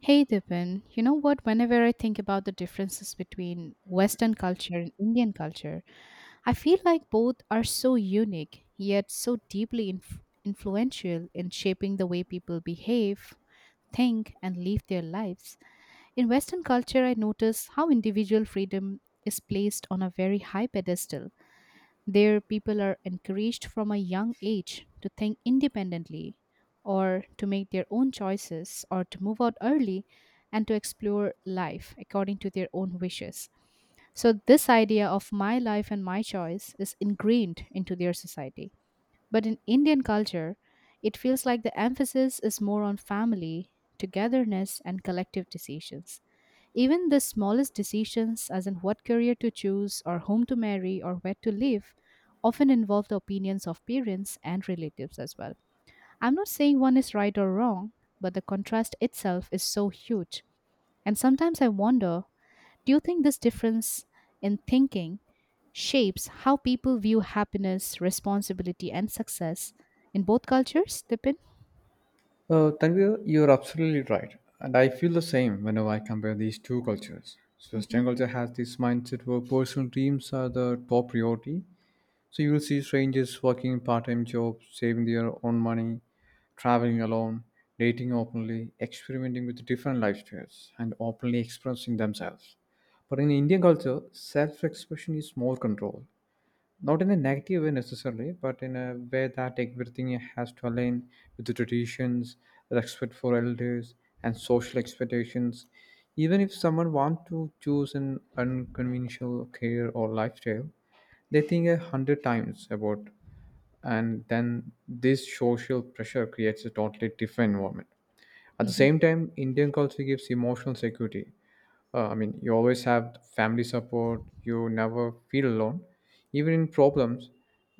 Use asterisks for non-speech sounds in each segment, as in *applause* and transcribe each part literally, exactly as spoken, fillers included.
Hey Dipen, you know what? Whenever I think about the differences between Western culture and Indian culture, I feel like both are so unique, yet so deeply inf- influential in shaping the way people behave, think, and live their lives. In Western culture, I notice how individual freedom is placed on a very high pedestal there, people are encouraged from a young age to think independently or to make their own choices or to move out early and to explore life according to their own wishes. So, this idea of my life and my choice is ingrained into their society. But in Indian culture, it feels like the emphasis is more on family, togetherness, and collective decisions. Even the smallest decisions, as in what career to choose, or whom to marry, or where to live, often involve the opinions of parents and relatives as well. I'm not saying one is right or wrong, but the contrast itself is so huge. And sometimes I wonder, do you think this difference in thinking shapes how people view happiness, responsibility, and success in both cultures, Tipin? Uh, Tanvir, you're absolutely right. And I feel the same whenever I compare these two cultures. So, Hmm. Western culture has this mindset where personal dreams are the top priority. So, you'll see strangers working part time jobs, saving their own money, traveling alone, dating openly, experimenting with different lifestyles, and openly expressing themselves. But in Indian culture, self expression is more controlled. Not in a negative way necessarily, but in a way that everything has to align with the traditions, respect for elders, and social expectations. Even if someone wants to choose an unconventional career or lifestyle, they think a hundred times about, and then this social pressure creates a totally different environment. At the same time, Indian culture gives emotional security. uh, I mean, you always have family support, you never feel alone even in problems.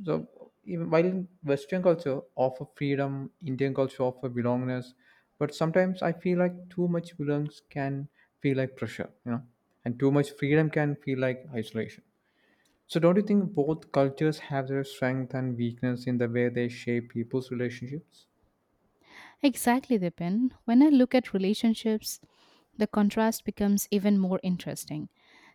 So even while in Western culture offer freedom, Indian culture offer belongingness. But sometimes I feel like too much belongs can feel like pressure you know And too much freedom can feel like isolation. So don't you think both cultures have their strength and weakness in the way they shape people's relationships? Exactly, Dipin. When I look at relationships, the contrast becomes even more interesting.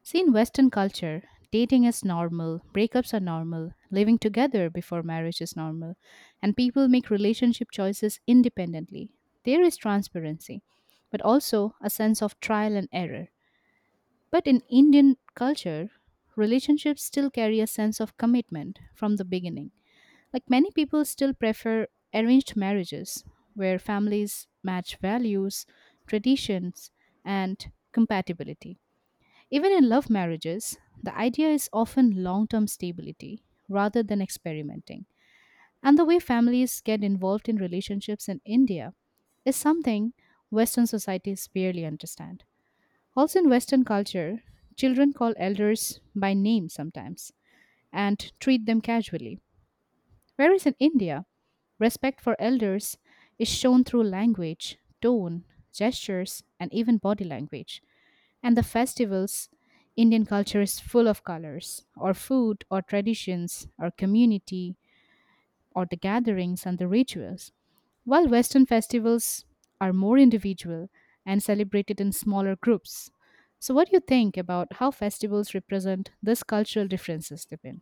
See, in Western culture, dating is normal, breakups are normal, living together before marriage is normal, and people make relationship choices independently. There is transparency, but also a sense of trial and error. But in Indian culture, relationships still carry a sense of commitment from the beginning. Like many people still prefer arranged marriages where families match values, traditions, and compatibility. Even in love marriages, the idea is often long term stability rather than experimenting. And the way families get involved in relationships in India is something Western societies barely understand. Also, in Western culture, children call elders by name sometimes and treat them casually. Whereas in India, respect for elders is shown through language, tone, gestures, and even body language. And the festivals, Indian culture is full of colors, or food, or traditions, or community, or the gatherings and the rituals. While Western festivals are more individual and celebrated in smaller groups. So, what do you think about how festivals represent these cultural differences, Dipin?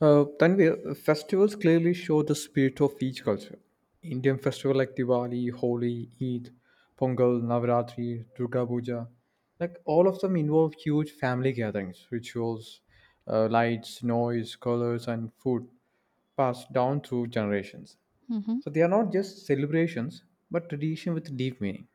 Uh, Tanvir, festivals clearly show the spirit of each culture. Indian festivals like Diwali, Holi, Eid, Pongal, Navaratri, Durga Puja, like all of them involve huge family gatherings, rituals, uh, lights, noise, colors, and food passed down through generations. Mm-hmm. So they are not just celebrations, but tradition with deep meaning.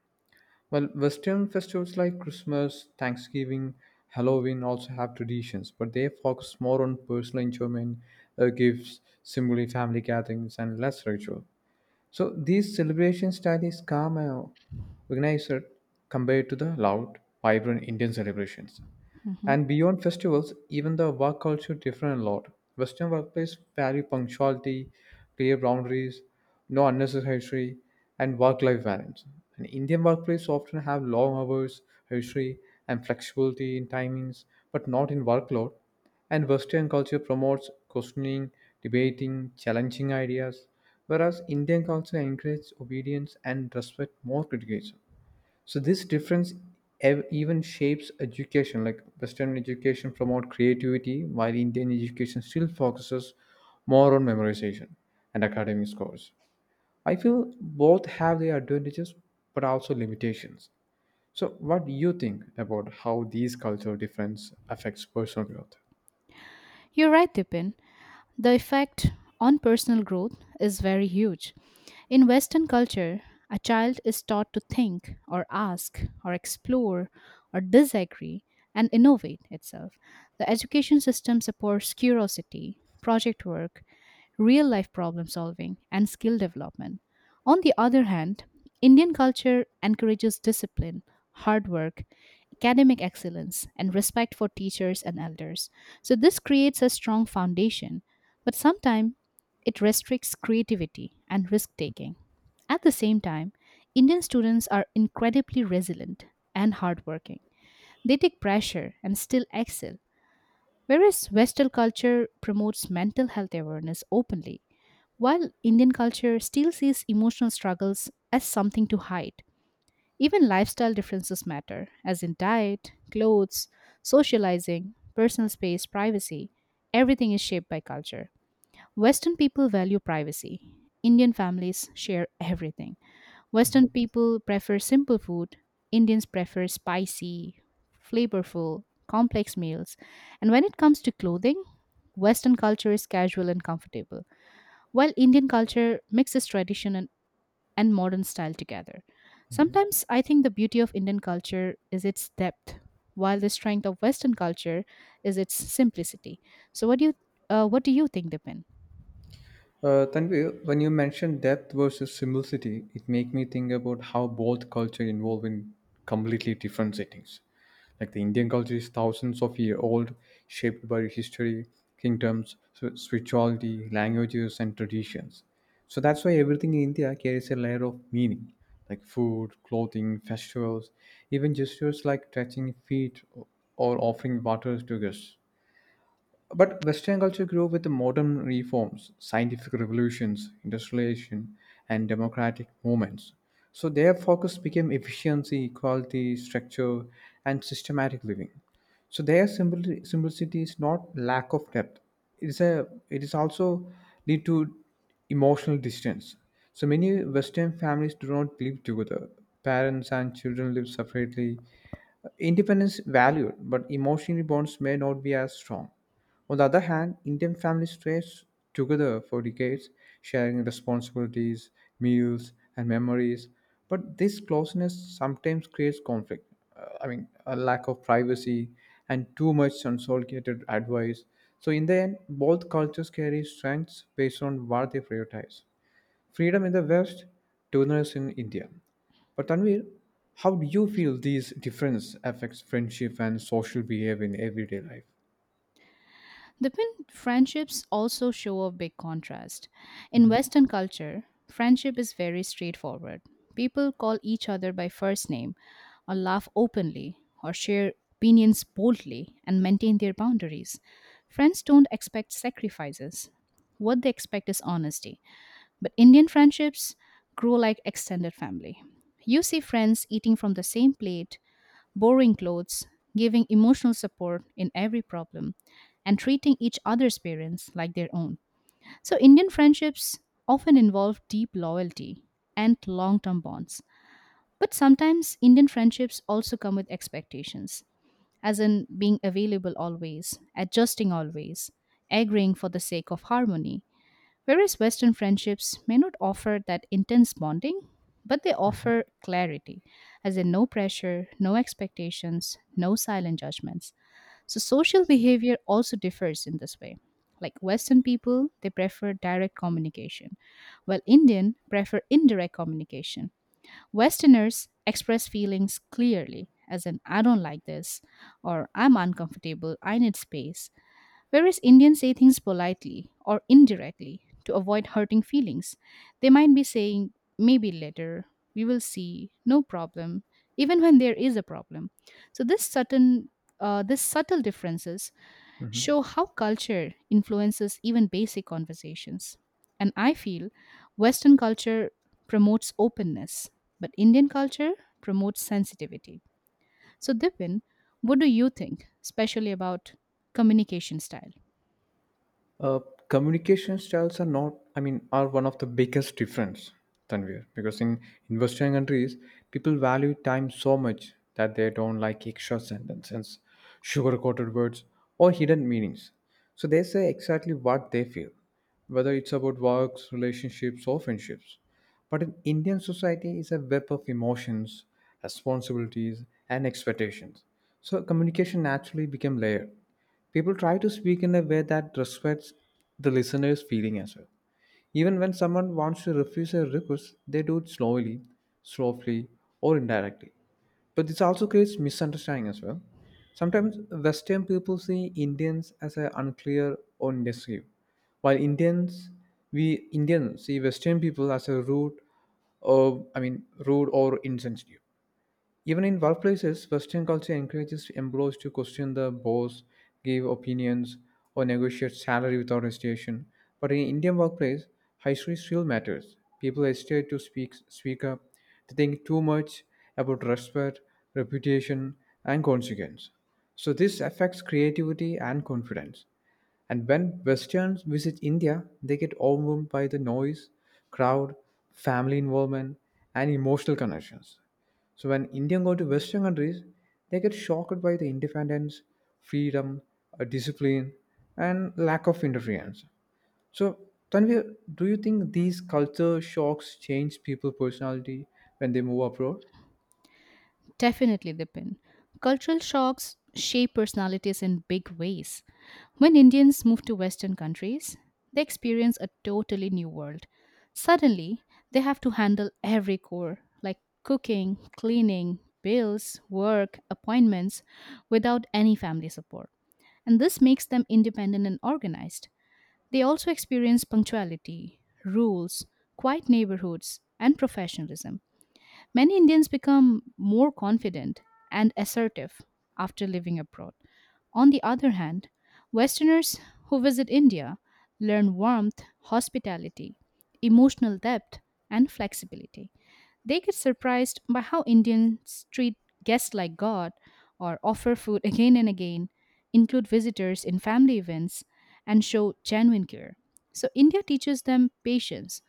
Well, Western festivals like Christmas, Thanksgiving, Halloween also have traditions, but they focus more on personal enjoyment, uh, gifts, simply family gatherings, and less ritual. So these celebration style is calm and organized compared to the loud, vibrant Indian celebrations. Mm-hmm. And beyond festivals, even the work culture different a lot. Western workplace value punctuality, clear boundaries, no unnecessary, and work-life balance. And Indian workplace often have long hours, history, and flexibility in timings, but not in workload. And Western culture promotes questioning, debating, challenging ideas, whereas Indian culture encourages obedience and respect more criticism. So this difference ev- even shapes education, like Western education promote creativity while Indian education still focuses more on memorization and academic scores. I feel both have their advantages but also limitations. So what do you think about how these cultural difference affects personal growth? You're right, Dipin. The effect on personal growth is very huge. In Western culture, a child is taught to think or ask or explore or disagree and innovate itself. The education system supports curiosity, project work, real life problem solving, and skill development. On the other hand, Indian culture encourages discipline, hard work, academic excellence, and respect for teachers and elders. So, this creates a strong foundation but sometimes it restricts creativity and risk taking. At the same time, Indian students are incredibly resilient and hardworking. They take pressure and still excel, whereas Western culture promotes mental health awareness openly, while Indian culture still sees emotional struggles as something to hide. Even lifestyle differences matter, as in diet, clothes, socializing, personal space, privacy. Everything is shaped by culture. Western people value privacy. Indian families share everything. Western people prefer simple food. Indians prefer spicy, flavorful, complex meals. And when it comes to clothing, Western culture is casual and comfortable, while Indian culture mixes tradition and, and modern style together. Sometimes I think the beauty of Indian culture is its depth, while the strength of Western culture is its simplicity. So, what do you, uh, what do you think, Dipin? Uh, Tanvi, when you mentioned depth versus simplicity, it make me think about how both culture involve in completely different settings. Like the Indian culture is thousands of year old, shaped by history, kingdoms, sp- spirituality, languages, and traditions. So that's why everything in India carries a layer of meaning, like food, clothing, festivals, even gestures like touching feet or offering water to guests. But Western culture grew with the modern reforms, scientific revolutions, industrialization, and democratic movements. So their focus became efficiency, equality, structure, and systematic living. So their simpli- simplicity is not lack of depth. It is a it is also lead to emotional distance. So many Western families do not live together. Parents and children live separately. Independence valued, but emotional bonds may not be as strong. On the other hand, Indian families stay together for decades, sharing responsibilities, meals, and memories. But this closeness sometimes creates conflict. Uh, I mean, a lack of privacy and too much unsolicited advice. So, in the end, both cultures carry strengths based on what they prioritize: freedom in the West, tolerance in India. But Tanvir, how do you feel these difference affects friendship and social behavior in everyday life? The twin friendships also show a big contrast. In Western culture, friendship is very straightforward. People call each other by first name, or laugh openly, or share opinions boldly, and maintain their boundaries. Friends don't expect sacrifices. What they expect is honesty. But Indian friendships grow like extended family. You see friends eating from the same plate, borrowing clothes, giving emotional support in every problem, and treating each other's parents like their own. So, Indian friendships often involve deep loyalty and long term bonds. But sometimes Indian friendships also come with expectations, as in being available always, adjusting always, agreeing for the sake of harmony. Whereas Western friendships may not offer that intense bonding, but they offer clarity, as in no pressure, no expectations, no silent judgments. So social behavior also differs in this way. Like Western people, they prefer direct communication, while Indian prefer indirect communication. Westerners express feelings clearly, as in I don't like this, or I'm uncomfortable, I need space. Whereas Indians say things politely or indirectly to avoid hurting feelings. They might be saying, maybe later, we will see, no problem, even when there is a problem. So this subtle, uh, this subtle differences Mhm. show how culture influences even basic conversations. And I feel Western culture promotes openness, but Indian culture promotes sensitivity. So, Dipin, what do you think, especially about communication style? uh, Communication styles are not I mean are one of the biggest difference, Tanvir, because in, in Western countries people value time so much that they don't like extra sentences, sugar coated words, or hidden meanings. So they say exactly what they feel, whether it's about works, relationships, or friendships. But in Indian society is a web of emotions, responsibilities, and expectations. So communication naturally became layered. People try to speak in a way that respects the listener's feeling as well. Even when someone wants to refuse a request, they do it slowly, softly, or indirectly. But this also creates misunderstanding as well. Sometimes Western people see Indians as a unclear or indecisive, while Indians we Indians see Western people as a rude, or I mean rude or insensitive. Even in workplaces, Western culture encourages employees to question the boss, give opinions, or negotiate salary without hesitation. But in Indian workplace, history still matters. People hesitate to speak, speak up. They think too much about respect, reputation, and consequence. So this affects creativity and confidence. And when Westerns visit India, they get overwhelmed by the noise, crowd, family involvement, and emotional connections. So when Indian go to Western countries, they get shocked by the independence, freedom, uh, discipline, and lack of interference. So Tanvi, do you think these culture shocks change people's personality when they move abroad? Definitely depend. Cultural shocks shape personalities in big ways. When Indians move to Western countries, they experience a totally new world. Suddenly, they have to handle every chore, like cooking, cleaning, bills, work, appointments, without any family support. And this makes them independent and organized. They also experience punctuality, rules, quiet neighborhoods, and professionalism. Many Indians become more confident and assertive after living abroad. On the other hand, Westerners who visit India learn warmth, hospitality, emotional depth, and flexibility. They get surprised by how Indians treat guests like God or offer food again and again, include visitors in family events, and show genuine care. So, India teaches them patience,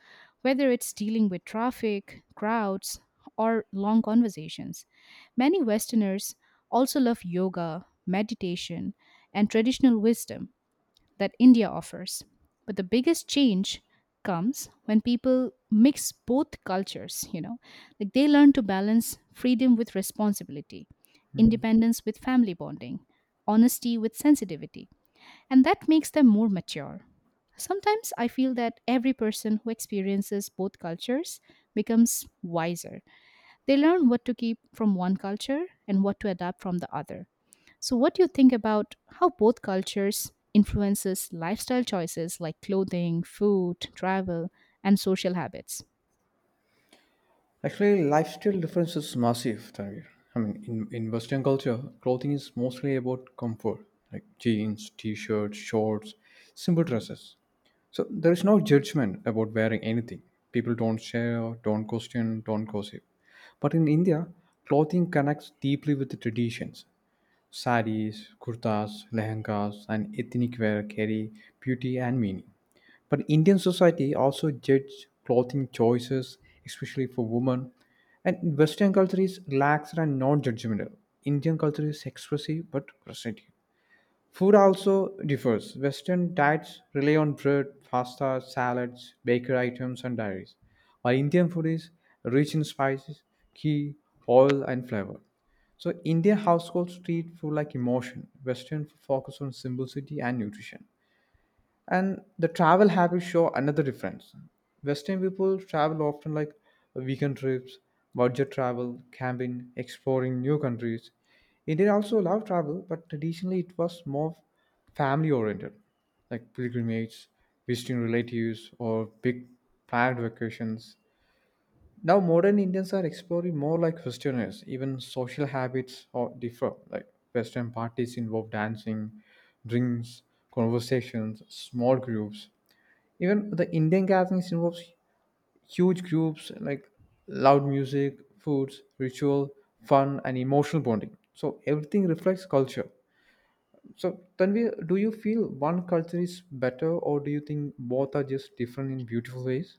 whether it's dealing with traffic, crowds, or long conversations. Many Westerners also love yoga, meditation, and traditional wisdom that India offers. But the biggest change comes when people mix both cultures, you know, like they learn to balance freedom with responsibility, Mhm. independence with family bonding, honesty with sensitivity, and that makes them more mature. Sometimes I feel that every person who experiences both cultures becomes wiser. They learn what to keep from one culture and what to adapt from the other. So, what do you think about how both cultures influences lifestyle choices like clothing, food, travel, and social habits? Actually, lifestyle difference is massive, Tanvir. I mean, in, in Western culture, clothing is mostly about comfort, like jeans, t-shirts, shorts, simple dresses. So there is no judgment about wearing anything. People don't share, don't question, don't gossip. But in India, clothing connects deeply with the traditions. Saris, kurtas, lehengas, and ethnic wear carry beauty and meaning. But Indian society also judge clothing choices, especially for women. And Western culture is relaxed and non-judgmental. Indian culture is expressive but present. Food also differs. Western diets rely on bread, pasta, salads, bakery items, and dairies, while Indian food is rich in spices, ghee, oil, and flavor. So Indian households treat food like emotion. Western food focus on simplicity and nutrition. And the travel habits show another difference. Western people travel often, like weekend trips, budget travel, camping, exploring new countries. India also love travel, but traditionally it was more family oriented, like pilgrimages, visiting relatives, or big planned vacations. Now modern Indians are exploring more like Westerners. Even social habits or differ, like Western parties involve dancing, drinks, conversations, small groups. Even the Indian gatherings involves huge groups, like loud music, foods, ritual, fun, and emotional bonding. So everything reflects culture. So Tanvi, do you feel one culture is better, or do you think both are just different in beautiful ways?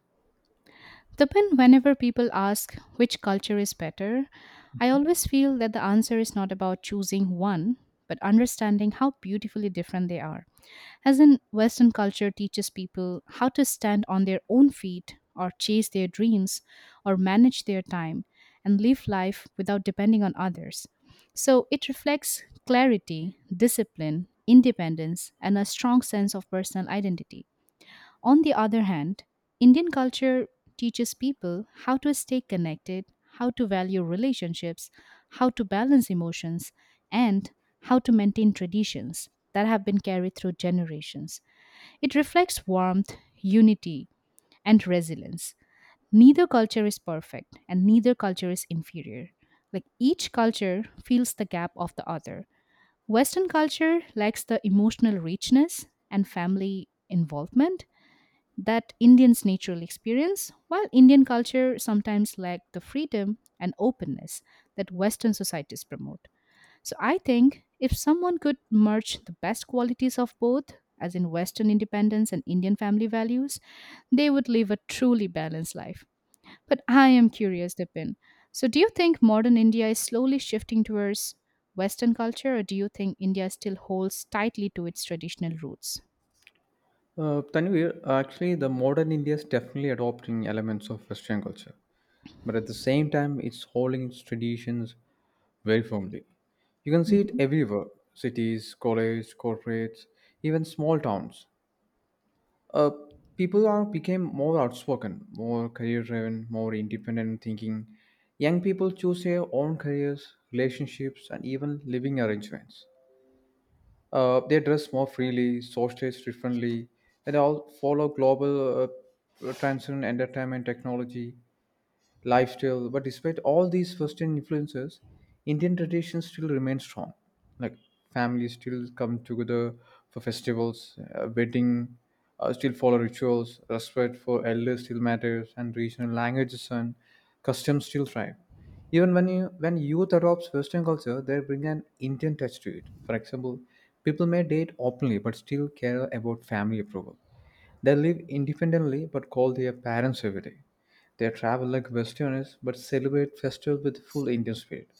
But whenever people ask which culture is better, I always feel that the answer is not about choosing one, but understanding how beautifully different they are. As in, Western culture teaches people how to stand on their own feet or chase their dreams or manage their time and live life without depending on others. So it reflects clarity, discipline, independence, and a strong sense of personal identity. On the other hand, Indian culture teaches people how to stay connected, how to value relationships, how to balance emotions, and how to maintain traditions that have been carried through generations. It reflects warmth, unity, and resilience. Neither culture is perfect, and neither culture is inferior. Like each culture fills the gap of the other. Western culture lacks the emotional richness and family involvement, that Indians naturally experience, while Indian culture sometimes lacks the freedom and openness that Western societies promote. So I think if someone could merge the best qualities of both, as in Western independence and Indian family values, they would live a truly balanced life. But I am curious, Dipin. So, do you think modern India is slowly shifting towards Western culture, or do you think India still holds tightly to its traditional roots? Uh, Tanvir, actually, the modern India is definitely adopting elements of Western culture, but at the same time, it's holding its traditions very firmly. You can see it Mhm. everywhere: cities, colleges, corporates, even small towns. Uh, People are became more outspoken, more career driven, more independent thinking. Young people choose their own careers, relationships, and even living arrangements. Uh, they dress more freely, socialize differently, and all follow global uh, trends in entertainment, technology, lifestyle. But despite all these Western influences, Indian traditions still remain strong. Like families still come together for festivals, uh, wedding, uh, still follow rituals, respect for elders still matters, and regional languages and customs still thrive. Even when you when youth adopts Western culture, they bring an Indian touch to it. For example, people may date openly but still care about family approval. They live independently but call their parents every day. They travel like Westerners but celebrate festivals with full Indian spirit.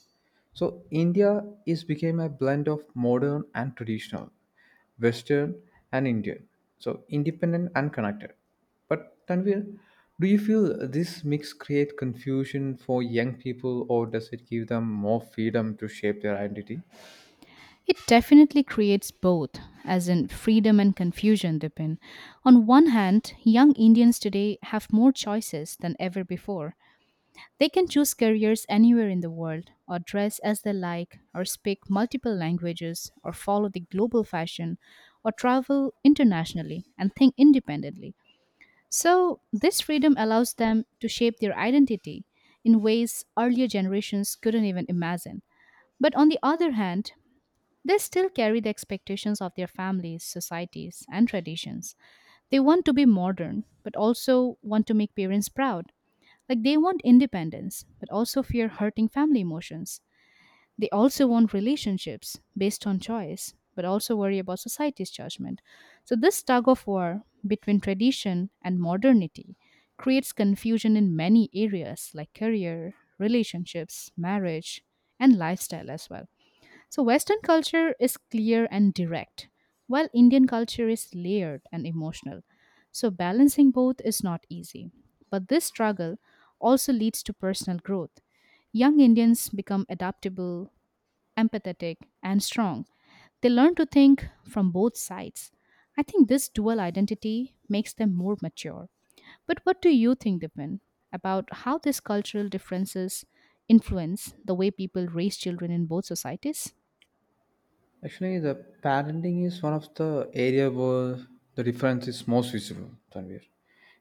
So India is became a blend of modern and traditional, Western and Indian. So independent and connected. But Tanvir, do you feel this mix create confusion for young people, or does it give them more freedom to shape their identity? It definitely creates both, as in freedom and confusion, Dipin. On one hand, young Indians today have more choices than ever before. They can choose careers anywhere in the world, or dress as they like, or speak multiple languages, or follow the global fashion, or travel internationally and think independently. So, this freedom allows them to shape their identity in ways earlier generations couldn't even imagine. But on the other hand, they still carry the expectations of their families, societies, and traditions. They want to be modern, but also want to make parents proud. Like they want independence, but also fear hurting family emotions. They also want relationships based on choice, but also worry about society's judgment. So, this tug of war between tradition and modernity creates confusion in many areas like career, relationships, marriage, and lifestyle as well. So, Western culture is clear and direct, while Indian culture is layered and emotional. So, balancing both is not easy. But this struggle also leads to personal growth. Young Indians become adaptable, empathetic, and strong. They learn to think from both sides. I think this dual identity makes them more mature. But what do you think, Dipen, about how these cultural differences influence the way people raise children in both societies? Actually, the parenting is one of the area where the difference is most visible, Tanvir.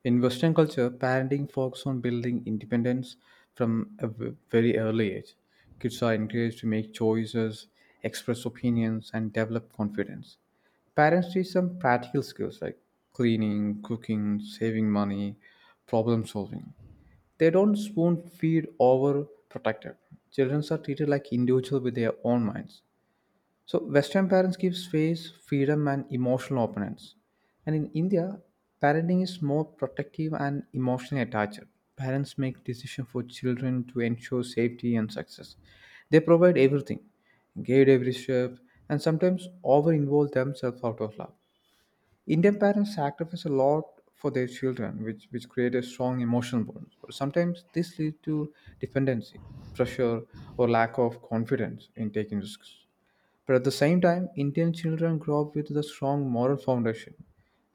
In Western culture, parenting focuses on building independence from a v- very early age. Kids are encouraged to make choices, express opinions, and develop confidence. Parents teach them practical skills like cleaning, cooking, saving money, problem solving. They don't spoon feed over protected. Children are treated like individuals with their own minds, so Western parents give space, freedom, and emotional opponents. And in India, parenting is more protective and emotionally attached. Parents make decisions for children to ensure safety and success. They provide everything, guide every step, and sometimes over involve themselves out of love. Indian parents sacrifice a lot for their children, which, which create a strong emotional bond. But sometimes this leads to dependency, pressure, or lack of confidence in taking risks. But at the same time, Indian children grow up with a strong moral foundation,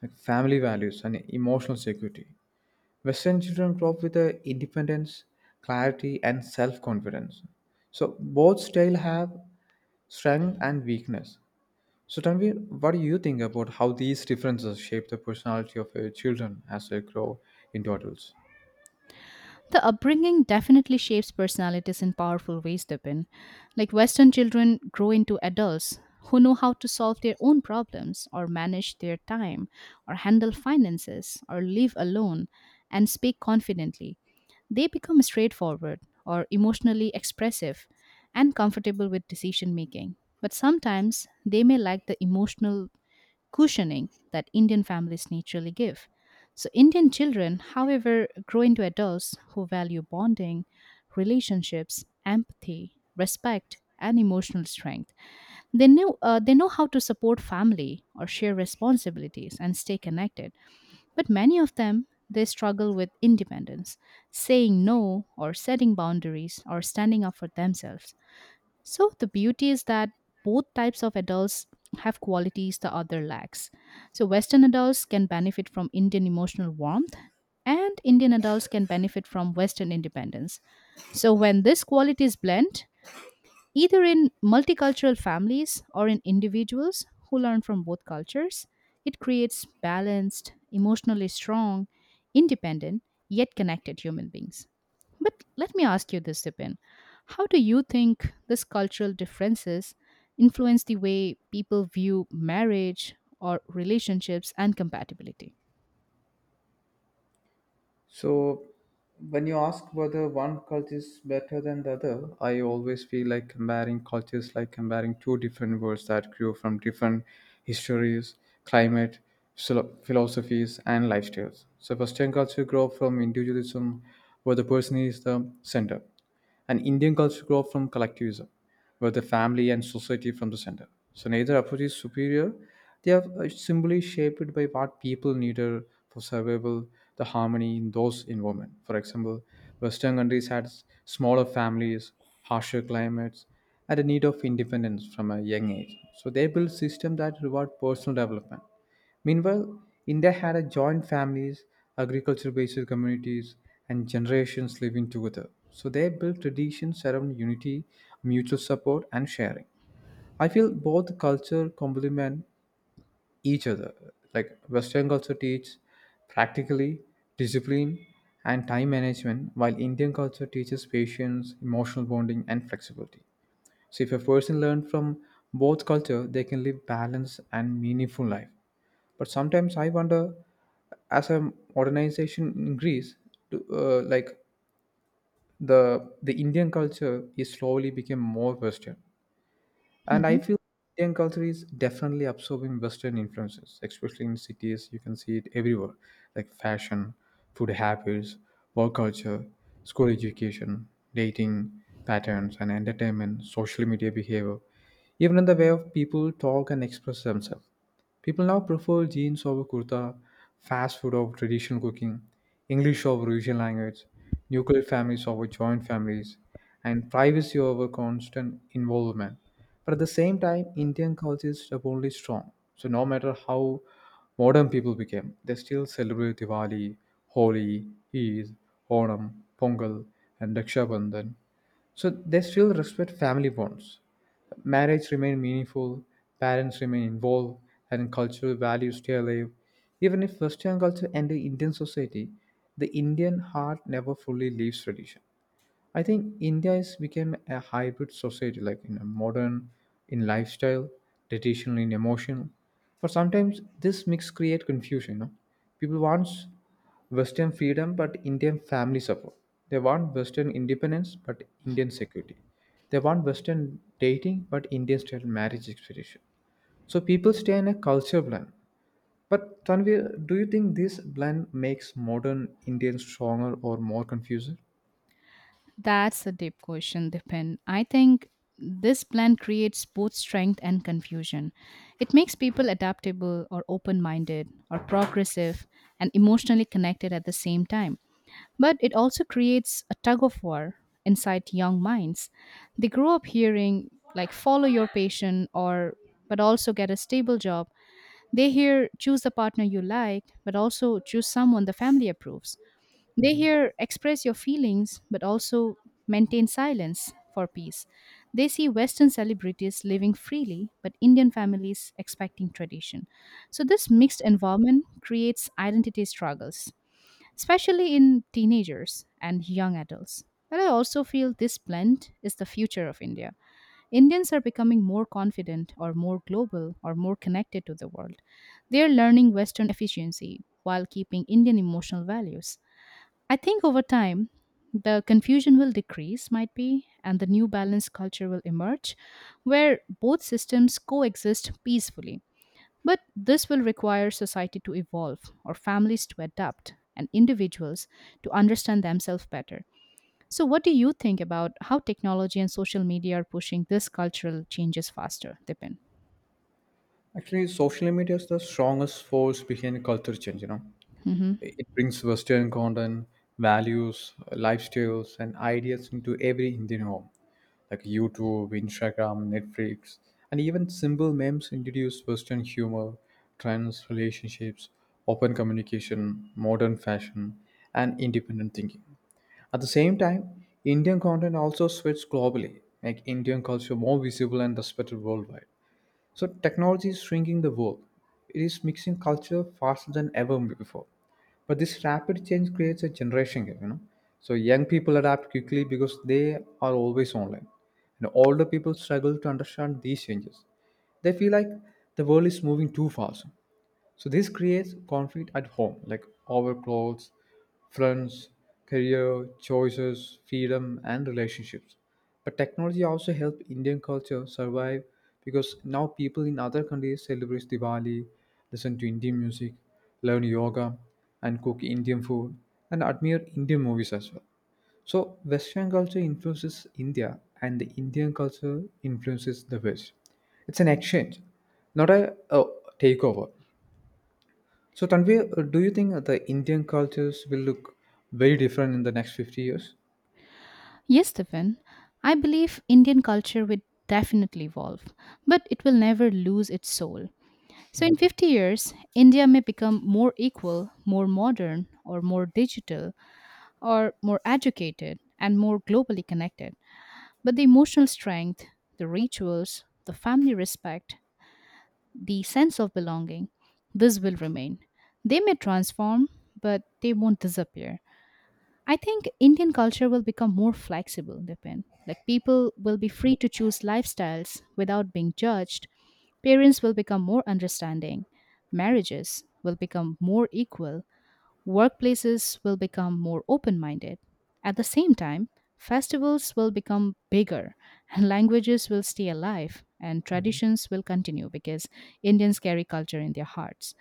like family values and emotional security. Western children grow up with a independence, clarity, and self-confidence. So both styles have strength and weakness. So Tanvir, what do you think about how these differences shape the personality of your children as they grow into adults? The upbringing definitely shapes personalities in powerful ways, Dipin. Like Western children grow into adults who know how to solve their own problems, or manage their time, or handle finances, or live alone, and speak confidently. They become straightforward, or emotionally expressive, and comfortable with decision making. But sometimes they may lack the emotional cushioning that Indian families naturally give. So, Indian children, however, grow into adults who value bonding, relationships, empathy, respect, and emotional strength. They know, uh, they know how to support family or share responsibilities and stay connected, but many of them they struggle with independence, saying no or setting boundaries or standing up for themselves. So the beauty is that both types of adults have qualities the other lacks. So Western adults can benefit from Indian emotional warmth, and Indian adults can benefit from Western independence. So when these qualities blend, either in multicultural families or in individuals who learn from both cultures, it creates balanced, emotionally strong, independent, yet connected human beings. But let me ask you this, Tipin. How do you think these cultural differences influence the way people view marriage or relationships and compatibility? So, when you ask whether one culture is better than the other, I always feel like comparing cultures, like comparing two different worlds that grew from different histories, climate, philo- philosophies, and lifestyles. So, Western culture grew from individualism, where the person is the center, and Indian culture grow from collectivism, where the family and society from the center. So neither approach is superior. They are uh, simply shaped by what people needed for survival, the harmony in those environment. For example, Western countries had s- smaller families, harsher climates, and a need of independence from a young age. So they built systems that reward personal development. Meanwhile, India had a joint families, agriculture based communities, and generations living together. So they built traditions around unity, mutual support, and sharing. I feel both culture complement each other. Like Western culture teaches practically discipline and time management, while Indian culture teaches patience, emotional bonding, and flexibility. So if a person learns from both culture, they can live balanced and meaningful life but sometimes I wonder as a modernization increase to, uh, like the the indian culture is slowly became more western and I Mhm. feel Indian culture is definitely absorbing Western influences, especially in cities. You can see it everywhere, like fashion, food habits, work culture, school education, dating patterns, and entertainment, social media behavior, even in the way of people talk and express themselves. People now prefer jeans over kurta, fast food over traditional cooking, English over regional language, nuclear families over joint families, and privacy over constant involvement. But at the same time, Indian culture is stubbornly strong. So no matter how modern people became, they still celebrate Diwali, Holi, Eid, Onam, Pongal, and Raksha Bandhan. So they still respect family bonds. Marriage remains meaningful, parents remain involved, and cultural values stay alive. Even if Western culture entered Indian society, the Indian heart never fully leaves tradition. I think India is became a hybrid society, like in a modern in lifestyle, traditional in emotional. For sometimes this mix create confusion. You know? People wants Western freedom but Indian family support. They want Western independence but Indian security. They want Western dating but Indian style marriage expectation. So people stay in a culture blend. But Tanvir, do you think this blend makes modern Indian stronger or more confusing? That's a deep question, Dipin. I think this plan creates both strength and confusion. It makes people adaptable or open minded or progressive and emotionally connected at the same time. But it also creates a tug of war inside young minds. They grow up hearing, like, follow your passion or but also get a stable job. They hear choose the partner you like, but also choose someone the family approves. They Mhm. hear express your feelings, but also maintain silence for peace. They see Western celebrities living freely, but Indian families expecting tradition. So, this mixed environment creates identity struggles, especially in teenagers and young adults. But I also feel this blend is the future of India. Indians are becoming more confident or more global or more connected to the world. They are learning Western efficiency while keeping Indian emotional values. I think over time, the confusion will decrease, might be, and the new balanced culture will emerge where both systems coexist peacefully. But this will require society to evolve, or families to adapt, and individuals to understand themselves better. So, what do you think about how technology and social media are pushing this cultural changes faster, Dipin? Actually, social media is the strongest force behind culture change. You know, Hmm. it it brings Western content, values, lifestyles, and ideas into every Indian home, like YouTube, Instagram, Netflix, and even simple memes introduce Western humor, trends, relationships, open communication, modern fashion, and independent thinking. At the same time, Indian content also spreads globally, make Indian culture more visible and respected worldwide. So technology is shrinking the world. It is mixing culture faster than ever before. But this rapid change creates a generation gap, you know. So young people adapt quickly because they are always online. And older people struggle to understand these changes. They feel like the world is moving too fast. So this creates conflict at home, like over clothes, friends, career, choices, freedom, and relationships. But technology also helped Indian culture survive because now people in other countries celebrate Diwali, listen to Indian music, learn yoga, and cook Indian food, and admire Indian movies as well. So Western culture influences India, and the Indian culture influences the West. It's an exchange, not a, a takeover. So, Tanvi, uh, do you think that the Indian cultures will look very different in the next fifty years? Yes, Dipin. I believe Indian culture will definitely evolve, but it will never lose its soul. So, in Hmm. fifty years, India may become more equal, more modern, or more digital, or more educated, and more globally connected. But the emotional strength, the rituals, the family respect, the sense of belonging, this will remain. They may transform, but they won't disappear. I think Indian culture will become more flexible, Dipin. Like people will be free to choose lifestyles without being judged. Parents will become more understanding. Marriages will become more equal. Workplaces will become more open minded. At the same time, festivals will become bigger and languages will stay alive and traditions will continue because Indians carry culture in their hearts,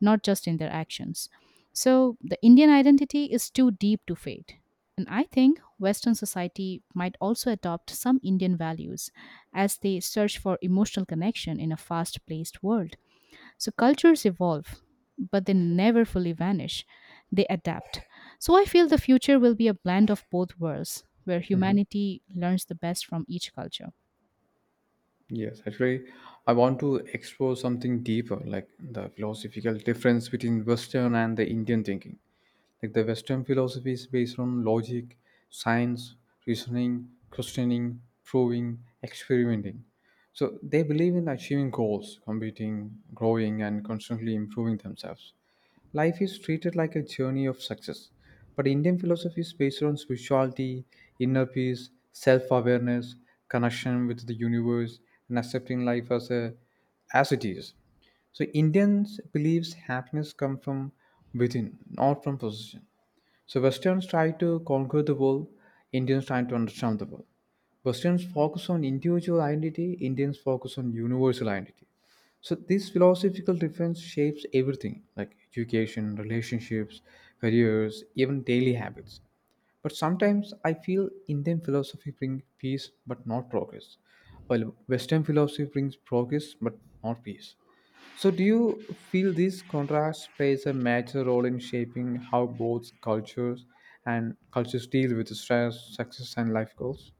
not just in their actions. So the Indian identity is too deep to fade. And I think Western society might also adopt some Indian values as they search for emotional connection in a fast paced world. So cultures evolve, but they never fully vanish. They adapt. So I feel the future will be a blend of both worlds, where Hmm. humanity learns the best from each culture. Yes, actually, I want to explore something deeper, like the philosophical difference between Western and the Indian thinking. Like the Western philosophy is based on logic, science, reasoning, questioning, proving, experimenting. So they believe in achieving goals, competing, growing, and constantly improving themselves. Life is treated like a journey of success, but Indian philosophy is based on spirituality, inner peace, self awareness, connection with the universe, and accepting life as, a, as it is. So, Indians believes happiness comes from within, not from possession. So, Westerns try to conquer the world, Indians try to understand the world. Westerns focus on individual identity, Indians focus on universal identity. So this philosophical difference shapes everything, like education, relationships, careers, even daily habits. But sometimes I feel Indian philosophy brings peace but not progress, while Western philosophy brings progress but not peace. So do you feel this contrast plays a major role in shaping how both cultures and cultures deal with stress, success, and life goals?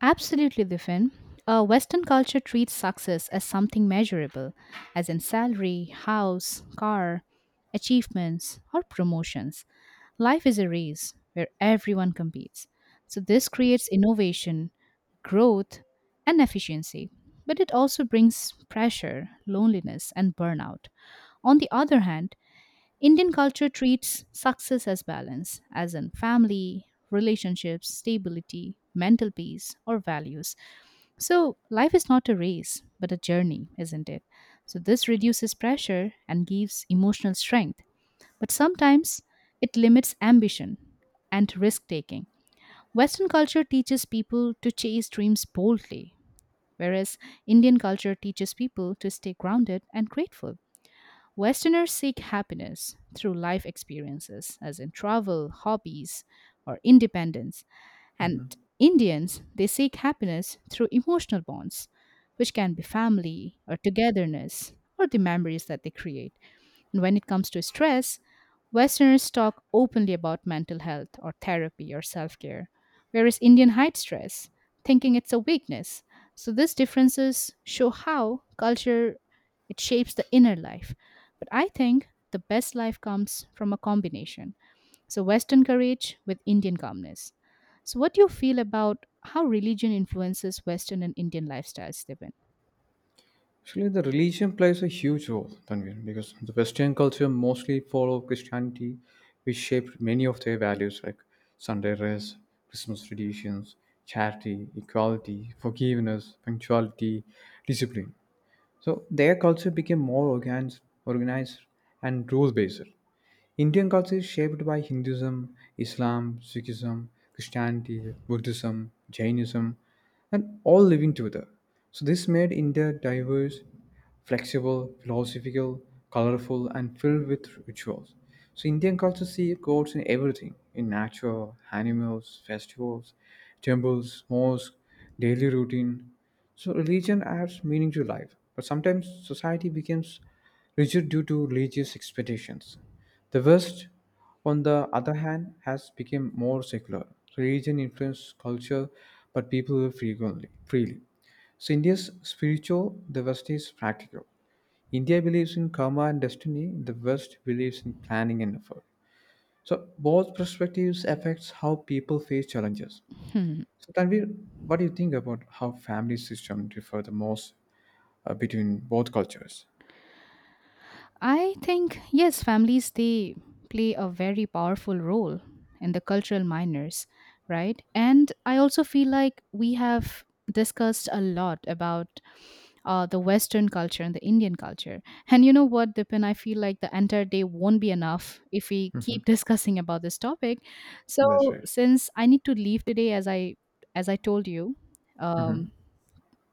Absolutely, Diffin. Uh, Western culture treats success as something measurable, as in salary, house, car, achievements, or promotions. Life is a race where everyone competes. So, this creates innovation, growth, and efficiency. But it also brings pressure, loneliness, and burnout. On the other hand, Indian culture treats success as balance, as in family, relationships, stability, mental peace, or values. So, life is not a race, but a journey, isn't it? So, this reduces pressure and gives emotional strength. But sometimes it limits ambition and risk taking. Western culture teaches people to chase dreams boldly, whereas Indian culture teaches people to stay grounded and grateful. Westerners seek happiness through life experiences, as in travel, hobbies, or independence. And Mhm. Indians, they seek happiness through emotional bonds, which can be family or togetherness or the memories that they create. And when it comes to stress, Westerners talk openly about mental health or therapy or self care, whereas Indian hide stress, thinking it's a weakness. So these differences show how culture it shapes the inner life. But I think the best life comes from a combination so, Western courage with Indian calmness. So, what do you feel about how religion influences Western and Indian lifestyles, Stephen? Actually, the religion plays a huge role, Tanvir, because the Western culture mostly follow Christianity, which shaped many of their values like Sunday rest, Christmas traditions, charity, equality, forgiveness, punctuality, discipline. So their culture became more organized, organized and rule-based. Indian culture is shaped by Hinduism, Islam, Sikhism, Christianity, Buddhism, Jainism, and all living together. So, this made India diverse, flexible, philosophical, colorful, and filled with rituals. So, Indian culture sees gods in everything in nature, animals, festivals, temples, mosques, daily routine. So, religion adds meaning to life, but sometimes society becomes rigid due to religious expectations. The West, on the other hand, has become more secular. Religion influences culture, but people live frequently, freely. So India's spiritual, the West is practical. India believes in karma and destiny, the West believes in planning and effort. So both perspectives affects how people face challenges. So Tanvir, what do you think about how family system differ the most uh, between both cultures? I think, yes, families, they play a very powerful role in the cultural minors, right? And I also feel like we have discussed a lot about uh, the Western culture and the Indian culture. And you know what, Dipin, I feel like the entire day won't be enough if we Hmm. keep *laughs* discussing about this topic. So That's right. since I need to leave today, as I as I told you, um, Hmm.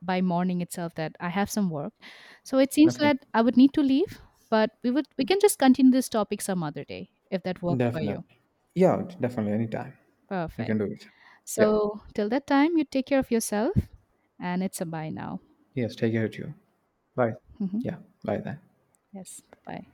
by morning itself that I have some work. So it seems Okay, that I would need to leave, but we would we can just continue this topic some other day if that works for you. definitely. Yeah, definitely, anytime. You Perfect. can do it. Yeah. So till that time, you take care of yourself, and it's a bye now. Yes. Take care of you. Bye. Yeah. Bye then. *laughs* Yes, bye.